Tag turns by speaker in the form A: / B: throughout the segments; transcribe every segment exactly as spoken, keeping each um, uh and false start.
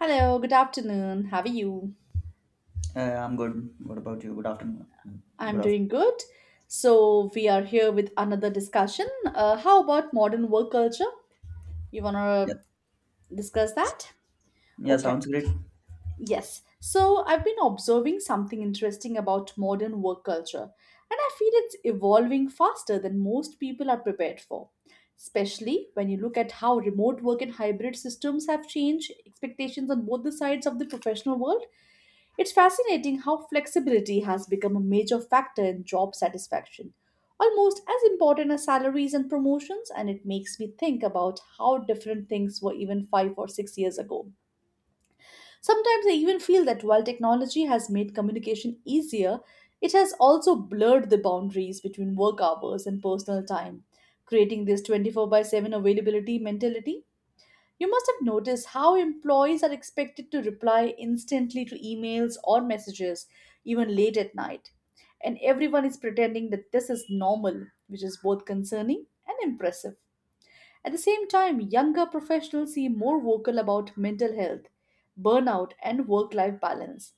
A: Hello, good afternoon. How are you?
B: Uh, I'm good. What about you? Good afternoon. Good
A: I'm
B: afternoon.
A: doing good. So, we are here with another discussion. Uh, how about modern work culture? You want
B: Yeah.
A: to discuss that?
B: Yeah,
A: Okay,
B: sounds great.
A: yes. So, I've been observing something interesting about modern work culture, and I feel it's evolving faster than most people are prepared for. Especially when you look at how remote work and hybrid systems have changed expectations on both the sides of the professional world. It's fascinating how flexibility has become a major factor in job satisfaction, almost as important as salaries and promotions, and it makes me think about how different things were even five or six years ago. Sometimes I even feel that while technology has made communication easier, it has also blurred the boundaries between work hours and personal time, creating this twenty-four by seven availability mentality. You must have noticed how employees are expected to reply instantly to emails or messages, even late at night. And everyone is pretending that this is normal, which is both concerning and impressive. At the same time, younger professionals seem more vocal about mental health, burnout, and work life balance,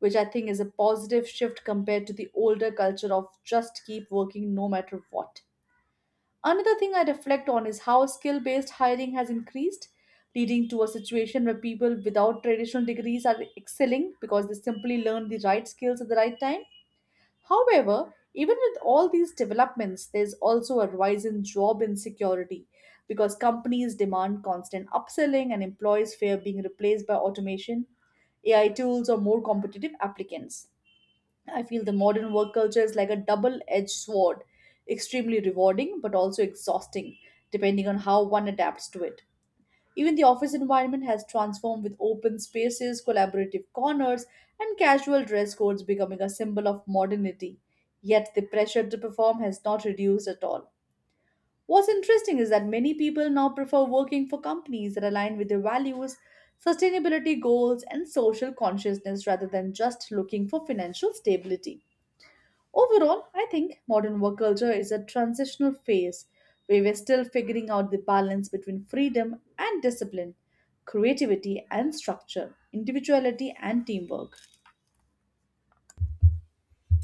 A: which I think is a positive shift compared to the older culture of just keep working no matter what. Another thing I reflect on is how skill based hiring has increased, leading to a situation where people without traditional degrees are excelling because they simply learn the right skills at the right time. However, even with all these developments, there's also a rise in job insecurity because companies demand constant upselling and employees fear being replaced by automation, A I tools, or more competitive applicants. I feel the modern work culture is like a double edged sword, extremely rewarding but also exhausting, depending on how one adapts to it. Even the office environment has transformed with open spaces, collaborative corners, and casual dress codes becoming a symbol of modernity. Yet the pressure to perform has not reduced at all. What's interesting is that many people now prefer working for companies that align with their values, sustainability goals, and social consciousness rather than just looking for financial stability. Overall, I think modern work culture is a transitional phase where we're still figuring out the balance between freedom and discipline, creativity and structure, individuality and teamwork.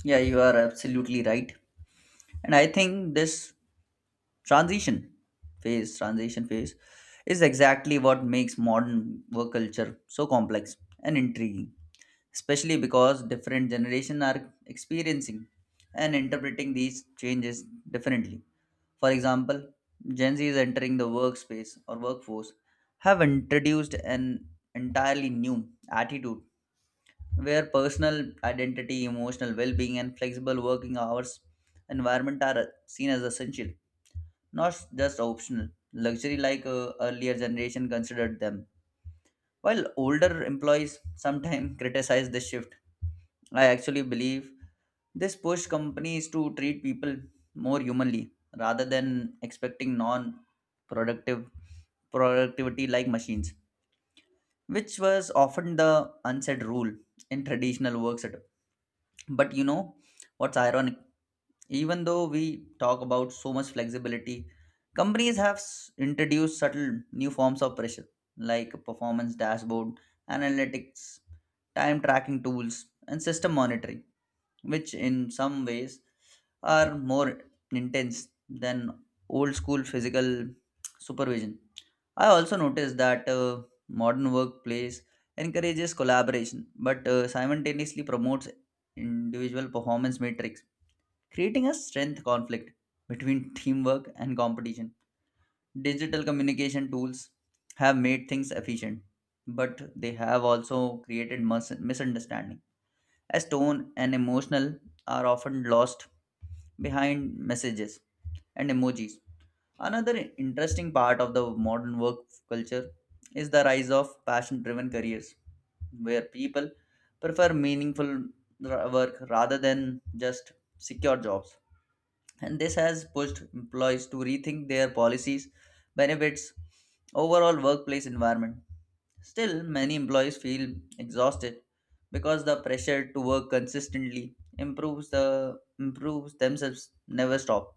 B: Yeah, you are absolutely right. And I think this transition phase, transition phase, is exactly what makes modern work culture so complex and intriguing, especially because different generations are experiencing and interpreting these changes differently. For example, Gen Z is entering the workspace or workforce have introduced an entirely new attitude where personal identity, emotional well being, and flexible working hours environment are seen as essential, not just optional. Luxury like uh, earlier generation considered them. While older employees sometimes criticize this shift, I actually believe this pushed companies to treat people more humanly rather than expecting non productive productivity like machines, which was often the unsaid rule in traditional work setup. But you know what's ironic, even though we talk about so much flexibility, companies have s- introduced subtle new forms of pressure like performance dashboard analytics, time tracking tools, and system monitoring, which in some ways are more intense than old school physical supervision. I also noticed that uh, modern workplace encourages collaboration but uh, simultaneously promotes individual performance metrics, creating a strength conflict between teamwork and competition. Digital communication tools have made things efficient, but they have also created mus- misunderstanding as tone and emotional are often lost behind messages and emojis. Another interesting part of the modern work culture is the rise of passion driven careers, where people prefer meaningful ra- work rather than just secure jobs, and this has pushed employees to rethink their policies, benefits, overall workplace environment. Still, many employees feel exhausted because the pressure to work consistently improves the improves themselves never stop.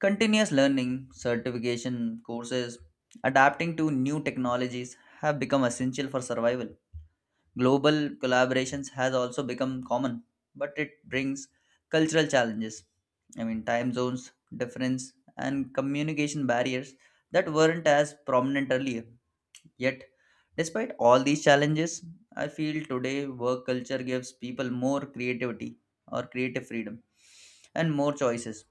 B: Continuous learning, certification courses, adapting to new technologies have become essential for survival. Global collaborations has also become common, but it brings cultural challenges. I mean, time zones, difference, and communication barriers that weren't as prominent earlier. Yet, despite all these challenges, I feel today work culture gives people more creativity or creative freedom and more choices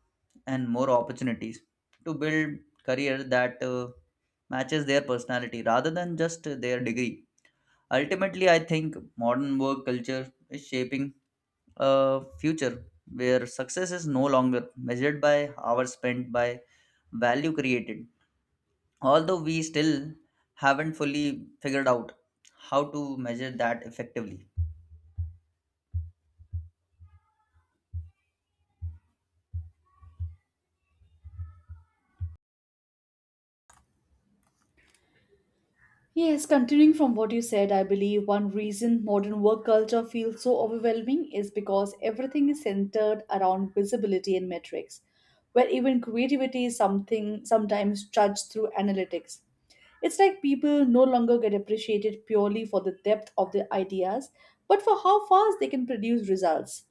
B: and more opportunities to build career that uh, matches their personality rather than just their degree. Ultimately, I think modern work culture is shaping a future where success is no longer measured by hours spent, by value created. Although we still haven't fully figured out how to measure that effectively.
A: Yes, continuing from what you said, I believe one reason modern work culture feels so overwhelming is because everything is centered around visibility and metrics, where even creativity is something sometimes judged through analytics. It's like people no longer get appreciated purely for the depth of their ideas, but for how fast they can produce results,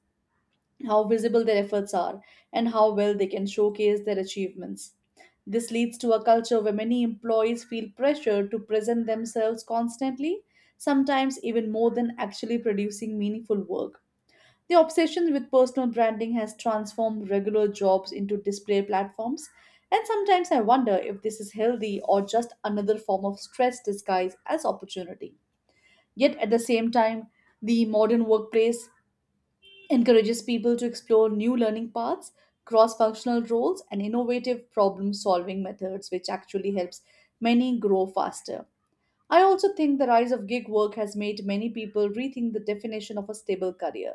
A: how visible their efforts are, and how well they can showcase their achievements. This leads to a culture where many employees feel pressure to present themselves constantly, sometimes even more than actually producing meaningful work. The obsession with personal branding has transformed regular jobs into display platforms, and sometimes I wonder if this is healthy or just another form of stress disguised as opportunity. Yet at the same time, the modern workplace encourages people to explore new learning paths, cross functional roles, and innovative problem solving methods, which actually helps many grow faster. I also think the rise of gig work has made many people rethink the definition of a stable career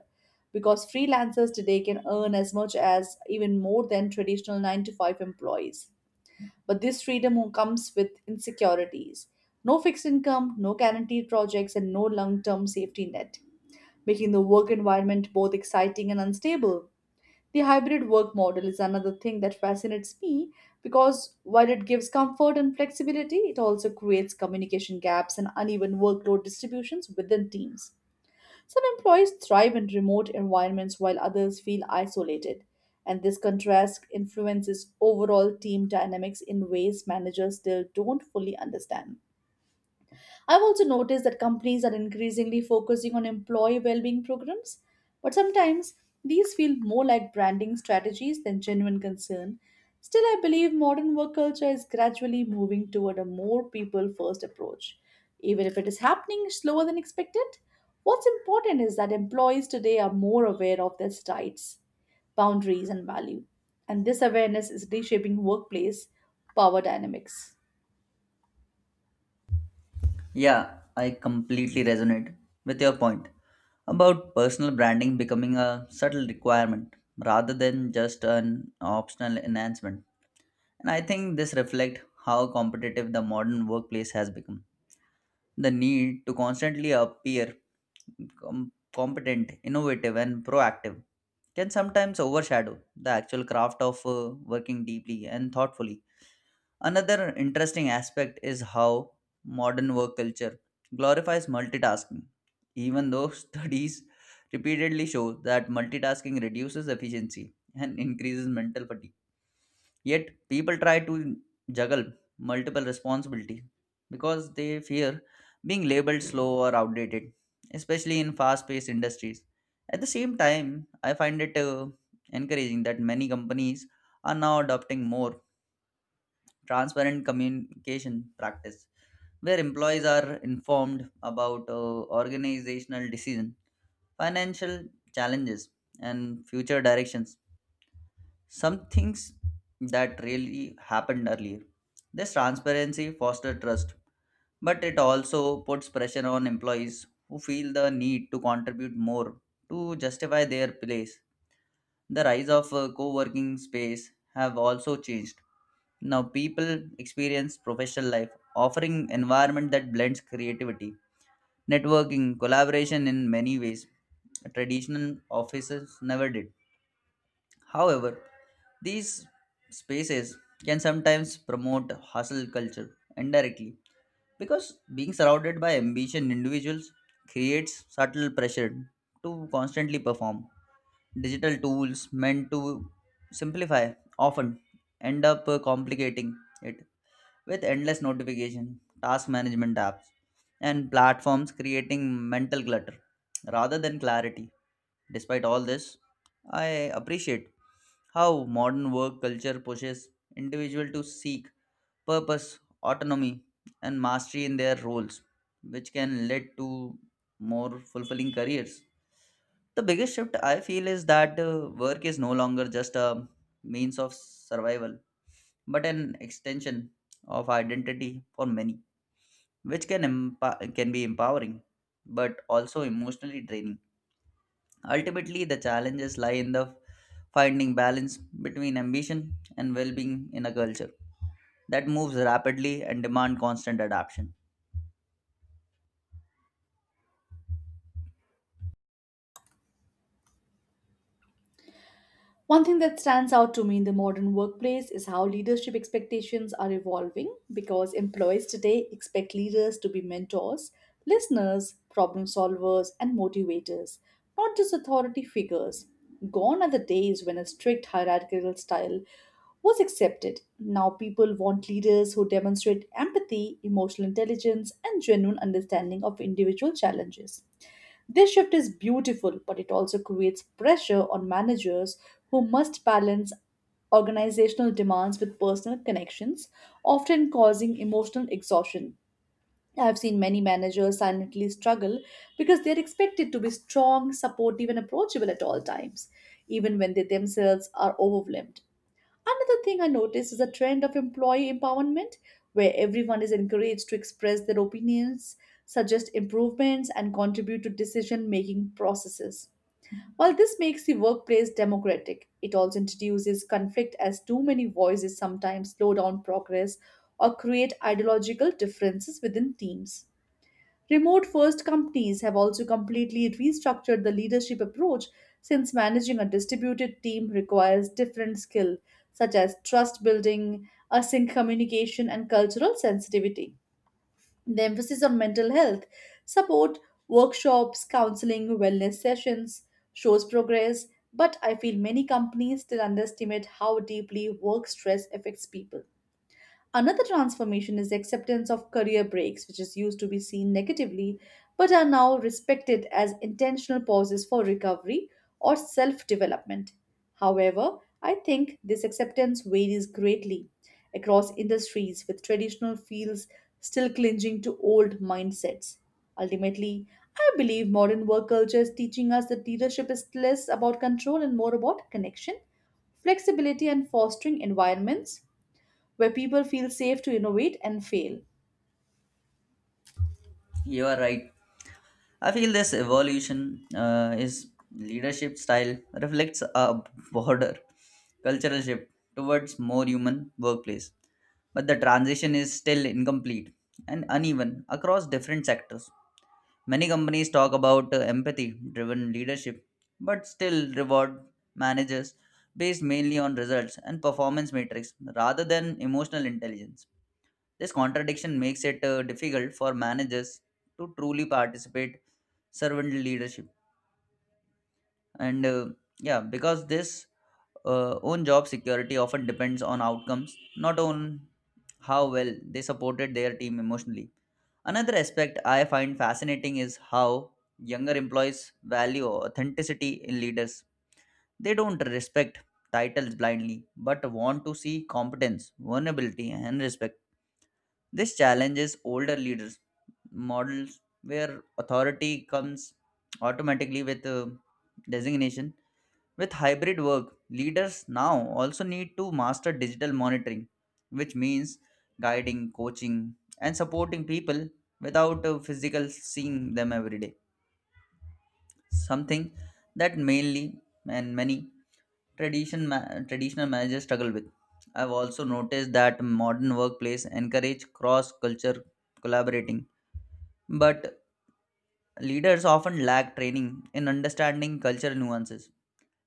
A: because freelancers today can earn as much as even more than traditional nine to five employees. But this freedom comes with insecurities: no fixed income, no guaranteed projects, and no long term safety net, making the work environment both exciting and unstable. The hybrid work model is another thing that fascinates me because while it gives comfort and flexibility, it also creates communication gaps and uneven workload distributions within teams. Some employees thrive in remote environments while others feel isolated, and this contrast influences overall team dynamics in ways managers still don't fully understand. I've also noticed that companies are increasingly focusing on employee well-being programs, but sometimes these feel more like branding strategies than genuine concern. Still, I believe modern work culture is gradually moving toward a more people-first approach, even if it is happening slower than expected. What's important is that employees today are more aware of their rights, boundaries, and value, and this awareness is reshaping workplace power dynamics.
B: Yeah, I completely resonate with your point about personal branding becoming a subtle requirement rather than just an optional enhancement. And I think this reflects how competitive the modern workplace has become. The need to constantly appear com- competent, innovative, and proactive can sometimes overshadow the actual craft of uh, working deeply and thoughtfully. Another interesting aspect is how modern work culture glorifies multitasking, even though studies repeatedly show that multitasking reduces efficiency and increases mental fatigue. Yet people try to juggle multiple responsibility because they fear being labeled slow or outdated, especially in fast-paced industries. At the same time, I find it uh, encouraging that many companies are now adopting more transparent communication practice where employees are informed about uh, organizational decision, financial challenges, and future directions, some things that really happened earlier. This transparency fosters trust, but it also puts pressure on employees who feel the need to contribute more to justify their place. The rise of uh, co-working space have also changed. Now people experience professional life offering environment that blends creativity, networking, collaboration in many ways traditional offices never did. However, these spaces can sometimes promote hustle culture indirectly because being surrounded by ambition individuals creates subtle pressure to constantly perform. Digital tools meant to simplify often end up uh, complicating it with endless notification, task management apps, and platforms creating mental clutter rather than clarity. Despite all this, I appreciate how modern work culture pushes individuals to seek purpose, autonomy, and mastery in their roles, which can lead to more fulfilling careers. The biggest shift I feel is that uh, work is no longer just a means of survival, but an extension of identity for many, which can emp- can be empowering, but also emotionally draining. Ultimately, the challenges lie in the finding balance between ambition and well-being in a culture that moves rapidly and demand constant adaptation.
A: One thing that stands out to me in the modern workplace is how leadership expectations are evolving because employees today expect leaders to be mentors, listeners, problem solvers, and motivators, not just authority figures. Gone are the days when a strict hierarchical style was accepted. Now people want leaders who demonstrate empathy, emotional intelligence, and genuine understanding of individual challenges. This shift is beautiful, but it also creates pressure on managers who must balance organizational demands with personal connections, often causing emotional exhaustion. I've seen many managers silently struggle because they're expected to be strong, supportive, and approachable at all times, even when they themselves are overwhelmed. Another thing I noticed is a trend of employee empowerment where everyone is encouraged to express their opinions, suggest improvements, and contribute to decision making processes. While this makes the workplace democratic, it also introduces conflict as too many voices sometimes slow down progress or create ideological differences within teams. Remote first companies have also completely restructured the leadership approach since managing a distributed team requires different skill such as trust building, async communication and cultural sensitivity. The emphasis on mental health, support, workshops, counseling, wellness sessions shows progress, but I feel many companies still underestimate how deeply work stress affects people. Another transformation is the acceptance of career breaks, which is used to be seen negatively but are now respected as intentional pauses for recovery or self development. However, I think this acceptance varies greatly across industries, with traditional fields still clinging to old mindsets. Ultimately, I believe modern work culture is teaching us that leadership is less about control and more about connection, flexibility, and fostering environments where people feel safe to innovate and fail.
B: You are right. I feel this evolution uh, is leadership style reflects a broader cultural shift towards more human workplace, but the transition is still incomplete and uneven across different sectors. Many companies talk about uh, empathy driven leadership, but still reward managers based mainly on results and performance metrics rather than emotional intelligence. This contradiction makes it uh, difficult for managers to truly participate servant leadership and uh, yeah, because this uh, own job security often depends on outcomes, not on how well they supported their team emotionally. Another aspect I find fascinating is how younger employees value authenticity in leaders. They don't respect titles blindly but want to see competence, vulnerability, and respect. This challenges older leaders models where authority comes automatically with uh, designation. With hybrid work, leaders now also need to master digital monitoring, which means guiding, coaching, and supporting people without a physical seeing them every day. Something that mainly and many tradition ma- traditional managers struggle with. I've also noticed that modern workplace encourage cross-culture collaborating, but leaders often lack training in understanding cultural nuances,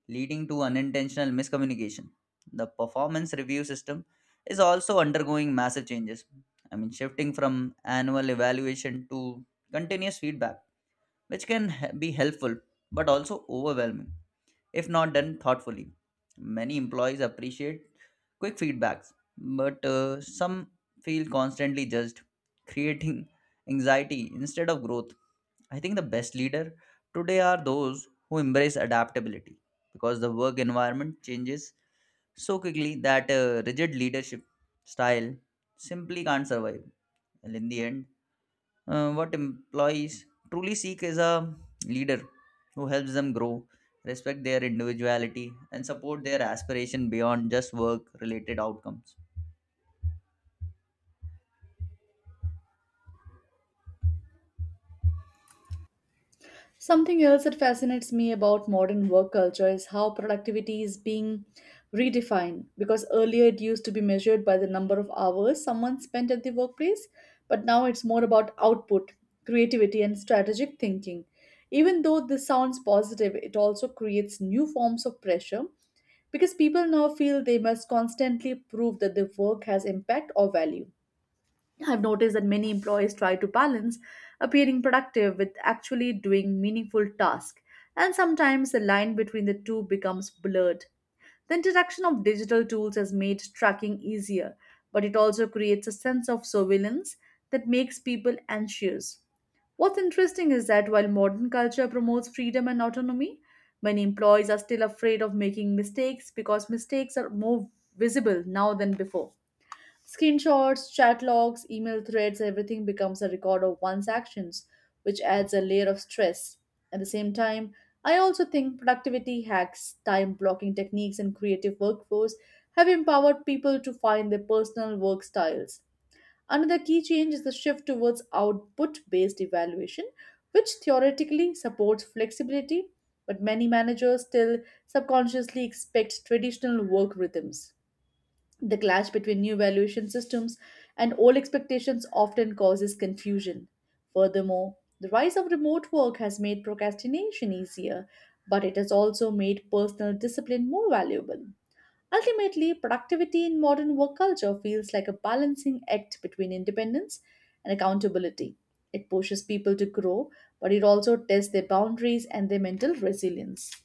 B: leading to unintentional miscommunication. The performance review system is also undergoing massive changes. I mean, shifting from annual evaluation to continuous feedback, which can h- be helpful but also overwhelming if not done thoughtfully. Many employees appreciate quick feedbacks, but uh, some feel constantly judged, creating anxiety instead of growth. I think the best leader today are those who embrace adaptability because the work environment changes so quickly that uh, rigid leadership style simply can't survive. And in the end, uh, what employees truly seek is a leader who helps them grow, respect their individuality, and support their aspiration beyond just work related outcomes.
A: Something else that fascinates me about modern work culture is how productivity is being redefined because earlier it used to be measured by the number of hours someone spent at the workplace, but now it's more about output, creativity, and strategic thinking. Even though this sounds positive, it also creates new forms of pressure because people now feel they must constantly prove that their work has impact or value. I've noticed that many employees try to balance appearing productive with actually doing meaningful tasks, and sometimes the line between the two becomes blurred. The introduction of digital tools has made tracking easier, but it also creates a sense of surveillance that makes people anxious. What's interesting is that while modern culture promotes freedom and autonomy, many employees are still afraid of making mistakes because mistakes are more visible now than before. Screenshots, chat logs, email threads, everything becomes a record of one's actions, which adds a layer of stress. At the same time, I also think productivity hacks, time blocking techniques, and creative workflows have empowered people to find their personal work styles. Another key change is the shift towards output based evaluation, which theoretically supports flexibility, but many managers still subconsciously expect traditional work rhythms. The clash between new valuation systems and old expectations often causes confusion. Furthermore, the rise of remote work has made procrastination easier, but it has also made personal discipline more valuable. Ultimately, productivity in modern work culture feels like a balancing act between independence and accountability. It pushes people to grow, but it also tests their boundaries and their mental resilience.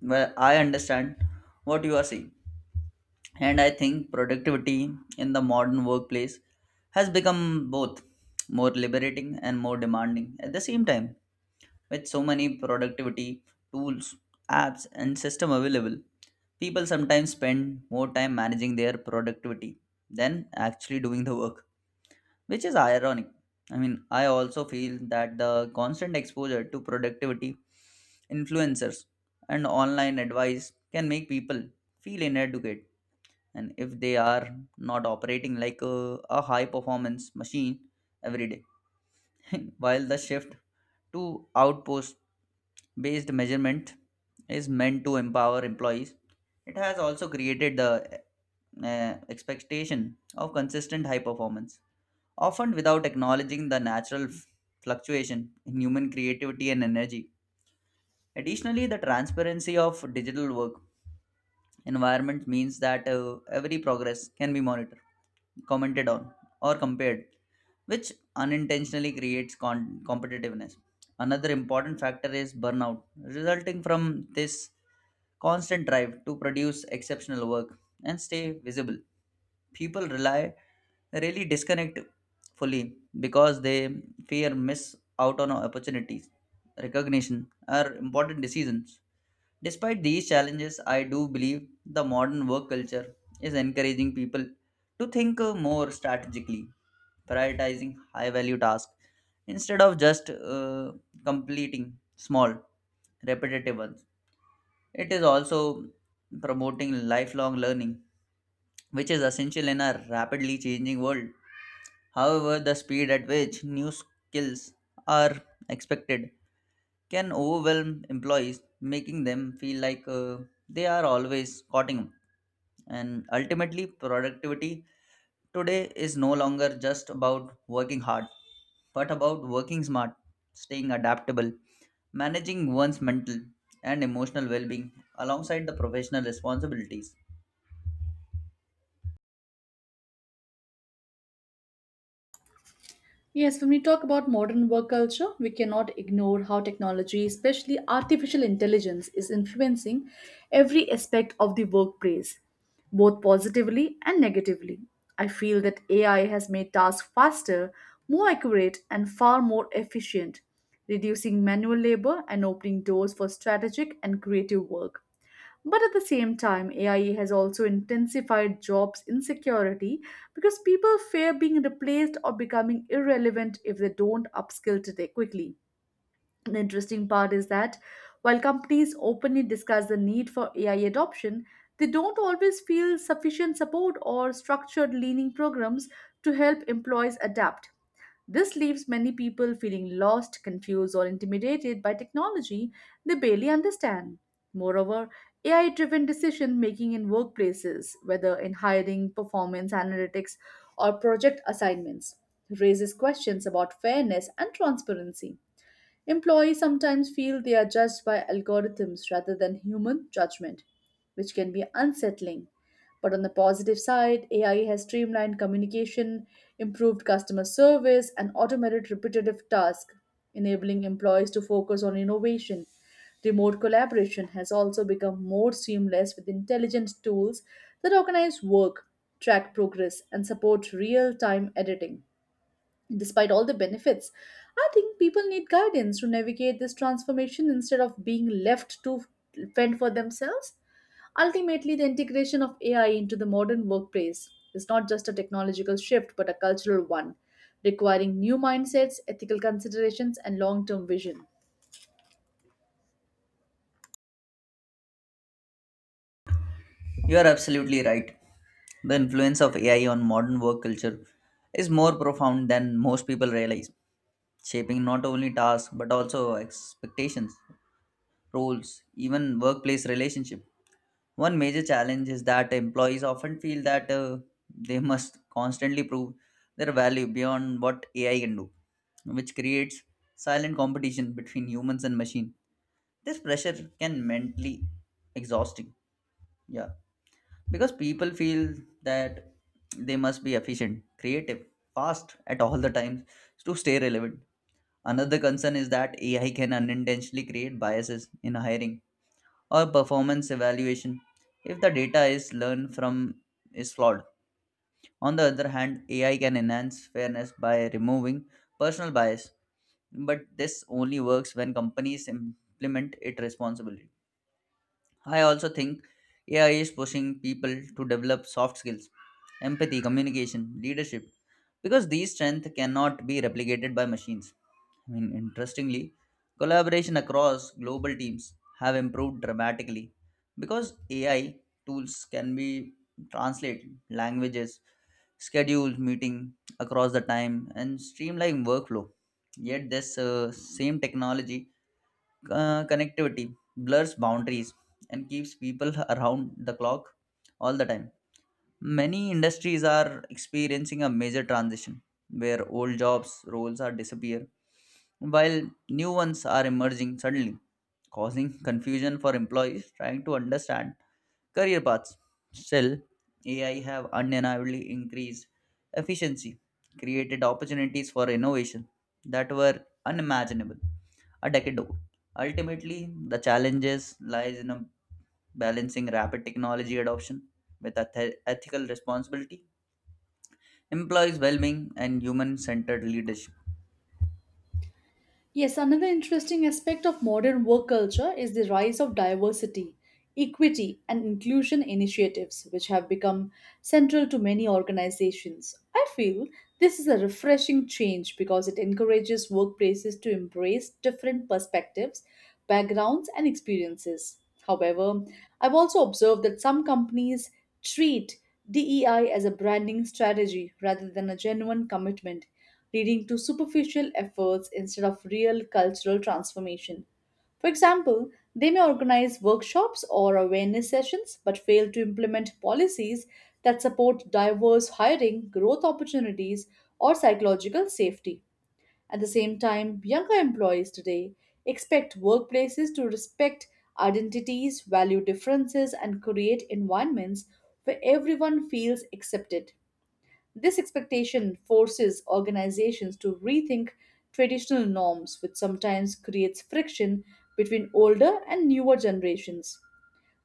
B: Well, I understand what you are saying. And I think productivity in the modern workplace has become both more liberating and more demanding at the same time. With so many productivity tools, apps, and system available, people sometimes spend more time managing their productivity than actually doing the work, which is ironic. I mean, I also feel that the constant exposure to productivity influencers and online advice can make people feel inadequate, and if they are not operating like a, a high performance machine every day. While the shift to outpost based measurement is meant to empower employees, it has also created the uh, expectation of consistent high performance, often without acknowledging the natural f- fluctuation in human creativity and energy. Additionally, the transparency of digital work environment means that uh, every progress can be monitored, commented on, or compared, which unintentionally creates con- competitiveness. Another important factor is burnout, resulting from this constant drive to produce exceptional work and stay visible. People rely really disconnect fully because they fear miss out on opportunities, recognition, or important decisions. Despite these challenges, I do believe the modern work culture is encouraging people to think uh, more strategically, prioritizing high value tasks instead of just uh, completing small, repetitive ones. It is also promoting lifelong learning, which is essential in a rapidly changing world. However, the speed at which new skills are expected can overwhelm employees, making them feel like uh, they are always cutting. And ultimately, productivity today is no longer just about working hard, but about working smart, staying adaptable, managing one's mental and emotional well being alongside the professional responsibilities.
A: Yes, when we talk about modern work culture, we cannot ignore how technology, especially artificial intelligence, is influencing every aspect of the workplace, both positively and negatively. I feel that A I has made tasks faster, more accurate, and far more efficient, reducing manual labor and opening doors for strategic and creative work. But at the same time, A I has also intensified jobs insecurity because people fear being replaced or becoming irrelevant if they don't upskill today quickly. The interesting part is that while companies openly discuss the need for A I adoption, they don't always feel sufficient support or structured leaning programs to help employees adapt. This leaves many people feeling lost, confused, or intimidated by technology they barely understand. Moreover, A I driven decision making in workplaces, whether in hiring, performance analytics, or project assignments, raises questions about fairness and transparency. Employees sometimes feel they are judged by algorithms rather than human judgment, which can be unsettling. But on the positive side, A I has streamlined communication, improved customer service, and automated repetitive tasks, enabling employees to focus on innovation. Remote collaboration has also become more seamless with intelligent tools that organize work, track progress, and support real time editing. Despite all the benefits, I think people need guidance to navigate this transformation instead of being left to fend for themselves. Ultimately, the integration of A I into the modern workplace is not just a technological shift but a cultural one, requiring new mindsets, ethical considerations, and long term vision.
B: You are absolutely right. The influence of A I on modern work culture is more profound than most people realize, shaping not only tasks but also expectations, roles, even workplace relationship. One major challenge is that employees often feel that uh, they must constantly prove their value beyond what A I can do, which creates silent competition between humans and machine. This pressure can mentally exhausting. Yeah, because people feel that they must be efficient, creative, fast at all the times to stay relevant. Another concern is that A I can unintentionally create biases in hiring or performance evaluation if the data is learned from is flawed. On the other hand, A I can enhance fairness by removing personal bias, but this only works when companies implement it responsibly. I also think A I is pushing people to develop soft skills, empathy, communication, leadership, because these strengths cannot be replicated by machines. I mean, interestingly, collaboration across global teams have improved dramatically because A I tools can be translate languages, schedule meeting across the time, and streamline workflow. Yet this uh, same technology uh, connectivity blurs boundaries and keeps people around the clock all the time. Many industries are experiencing a major transition where old jobs roles are disappear while new ones are emerging suddenly, causing confusion for employees trying to understand career paths. Still, A I have undeniably increased efficiency, created opportunities for innovation that were unimaginable a decade ago. Ultimately, the challenges lies in a balancing rapid technology adoption with eth- ethical responsibility, employees' well-being, and human-centered leadership.
A: Yes, another interesting aspect of modern work culture is the rise of diversity, equity, and inclusion initiatives, which have become central to many organizations. I feel this is a refreshing change because it encourages workplaces to embrace different perspectives, backgrounds, and experiences. However, I've also observed that some companies treat D E I as a branding strategy rather than a genuine commitment, leading to superficial efforts instead of real cultural transformation. For example, they may organize workshops or awareness sessions but fail to implement policies that support diverse hiring, growth opportunities, or psychological safety. At the same time, younger employees today expect workplaces to respect identities, value differences, and create environments where everyone feels accepted. This expectation forces organizations to rethink traditional norms, which sometimes creates friction between older and newer generations.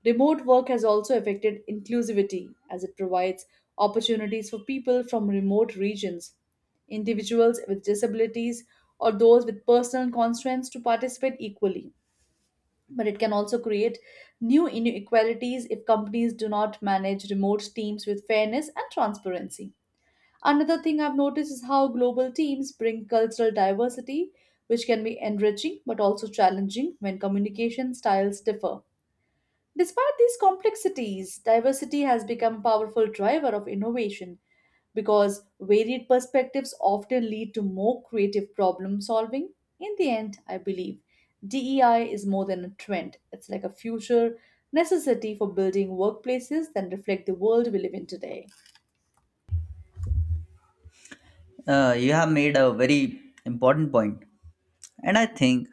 A: Remote work has also affected inclusivity as it provides opportunities for people from remote regions, individuals with disabilities, or those with personal constraints to participate equally. But it can also create new inequalities if companies do not manage remote teams with fairness and transparency. Another thing I've noticed is how global teams bring cultural diversity, which can be enriching but also challenging when communication styles differ. Despite these complexities, diversity has become a powerful driver of innovation because varied perspectives often lead to more creative problem solving. In the end, I believe D E I is more than a trend, it's like a future necessity for building workplaces that reflect the world we live in today.
B: Uh, you have made a very important point, and I think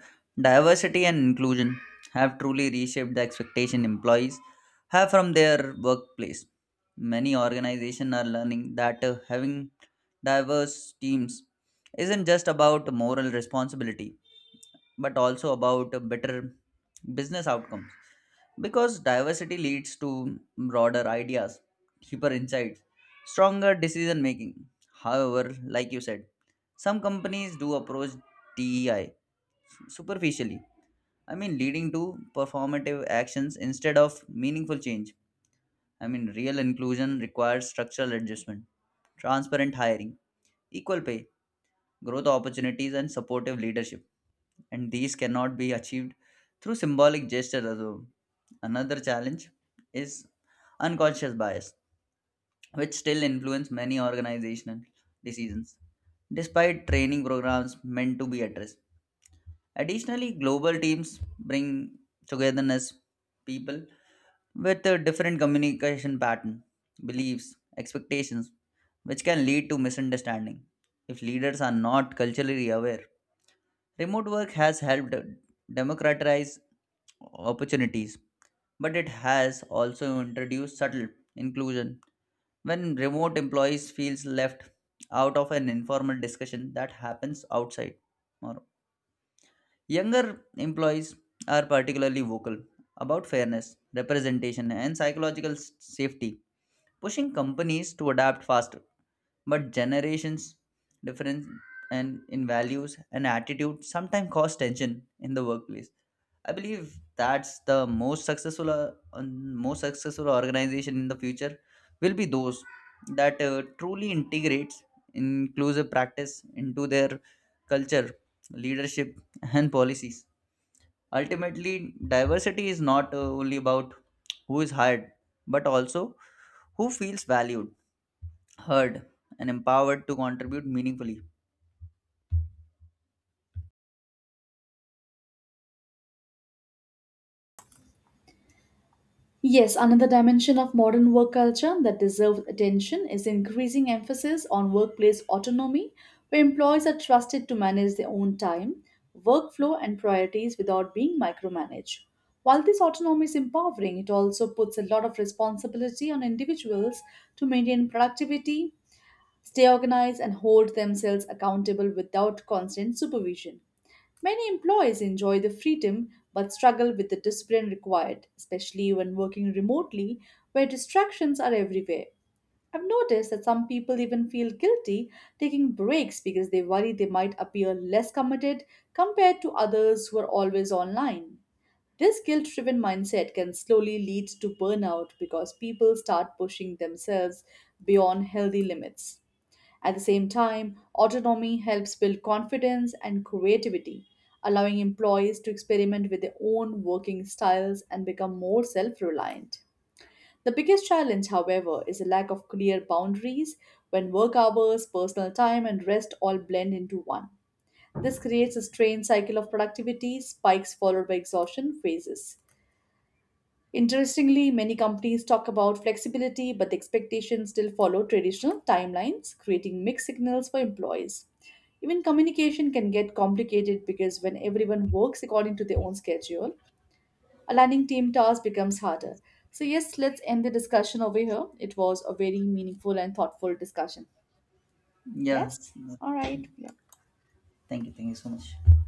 B: diversity and inclusion have truly reshaped the expectation employees have from their workplace. Many organizations are learning that uh, having diverse teams isn't just about moral responsibility, but also about uh, better business outcomes, because diversity leads to broader ideas, deeper insights, stronger decision making. However, like you said, some companies do approach D E I superficially. I mean, leading to performative actions instead of meaningful change. I mean, real inclusion requires structural adjustment, transparent hiring, equal pay, growth opportunities, and supportive leadership, and these cannot be achieved through symbolic gestures alone. Another challenge is unconscious bias, which still influence many organizational decisions, despite training programs meant to be addressed. Additionally, global teams bring togetherness people with a different communication pattern, beliefs, expectations, which can lead to misunderstanding if leaders are not culturally aware. Remote work has helped democratize opportunities, but it has also introduced subtle inclusion. When remote employees feels left out of an informal discussion that happens outside. Or younger employees are particularly vocal about fairness, representation, and psychological s- safety, pushing companies to adapt faster. But generations difference and in values and attitude sometimes cause tension in the workplace. I believe that's the most successful uh, um, most successful organization in the future will be those that uh, truly integrates inclusive practice into their culture, leadership, and policies. Ultimately, diversity is not uh, only about who is hired but also who feels valued, heard, and empowered to contribute meaningfully.
A: Yes, another dimension of modern work culture that deserves attention is increasing emphasis on workplace autonomy, where employees are trusted to manage their own time, workflow, and priorities without being micromanaged. While this autonomy is empowering, it also puts a lot of responsibility on individuals to maintain productivity, stay organized, and hold themselves accountable without constant supervision. Many employees enjoy the freedom but struggle with the discipline required, especially when working remotely where distractions are everywhere. I've noticed that some people even feel guilty taking breaks because they worry they might appear less committed compared to others who are always online. This guilt driven mindset can slowly lead to burnout because people start pushing themselves beyond healthy limits. At the same time, autonomy helps build confidence and creativity, allowing employees to experiment with their own working styles and become more self reliant. The biggest challenge, however, is a lack of clear boundaries when work hours, personal time, and rest all blend into one. This creates a strained cycle of productivity, spikes followed by exhaustion phases. Interestingly, many companies talk about flexibility, but the expectations still follow traditional timelines, creating mixed signals for employees. Even communication can get complicated because when everyone works according to their own schedule, aligning team tasks becomes harder. So, yes, let's end the discussion over here. It was a very meaningful and thoughtful discussion.
B: Yeah.
A: Yes? All right. Yeah.
B: Thank you. Thank you so much.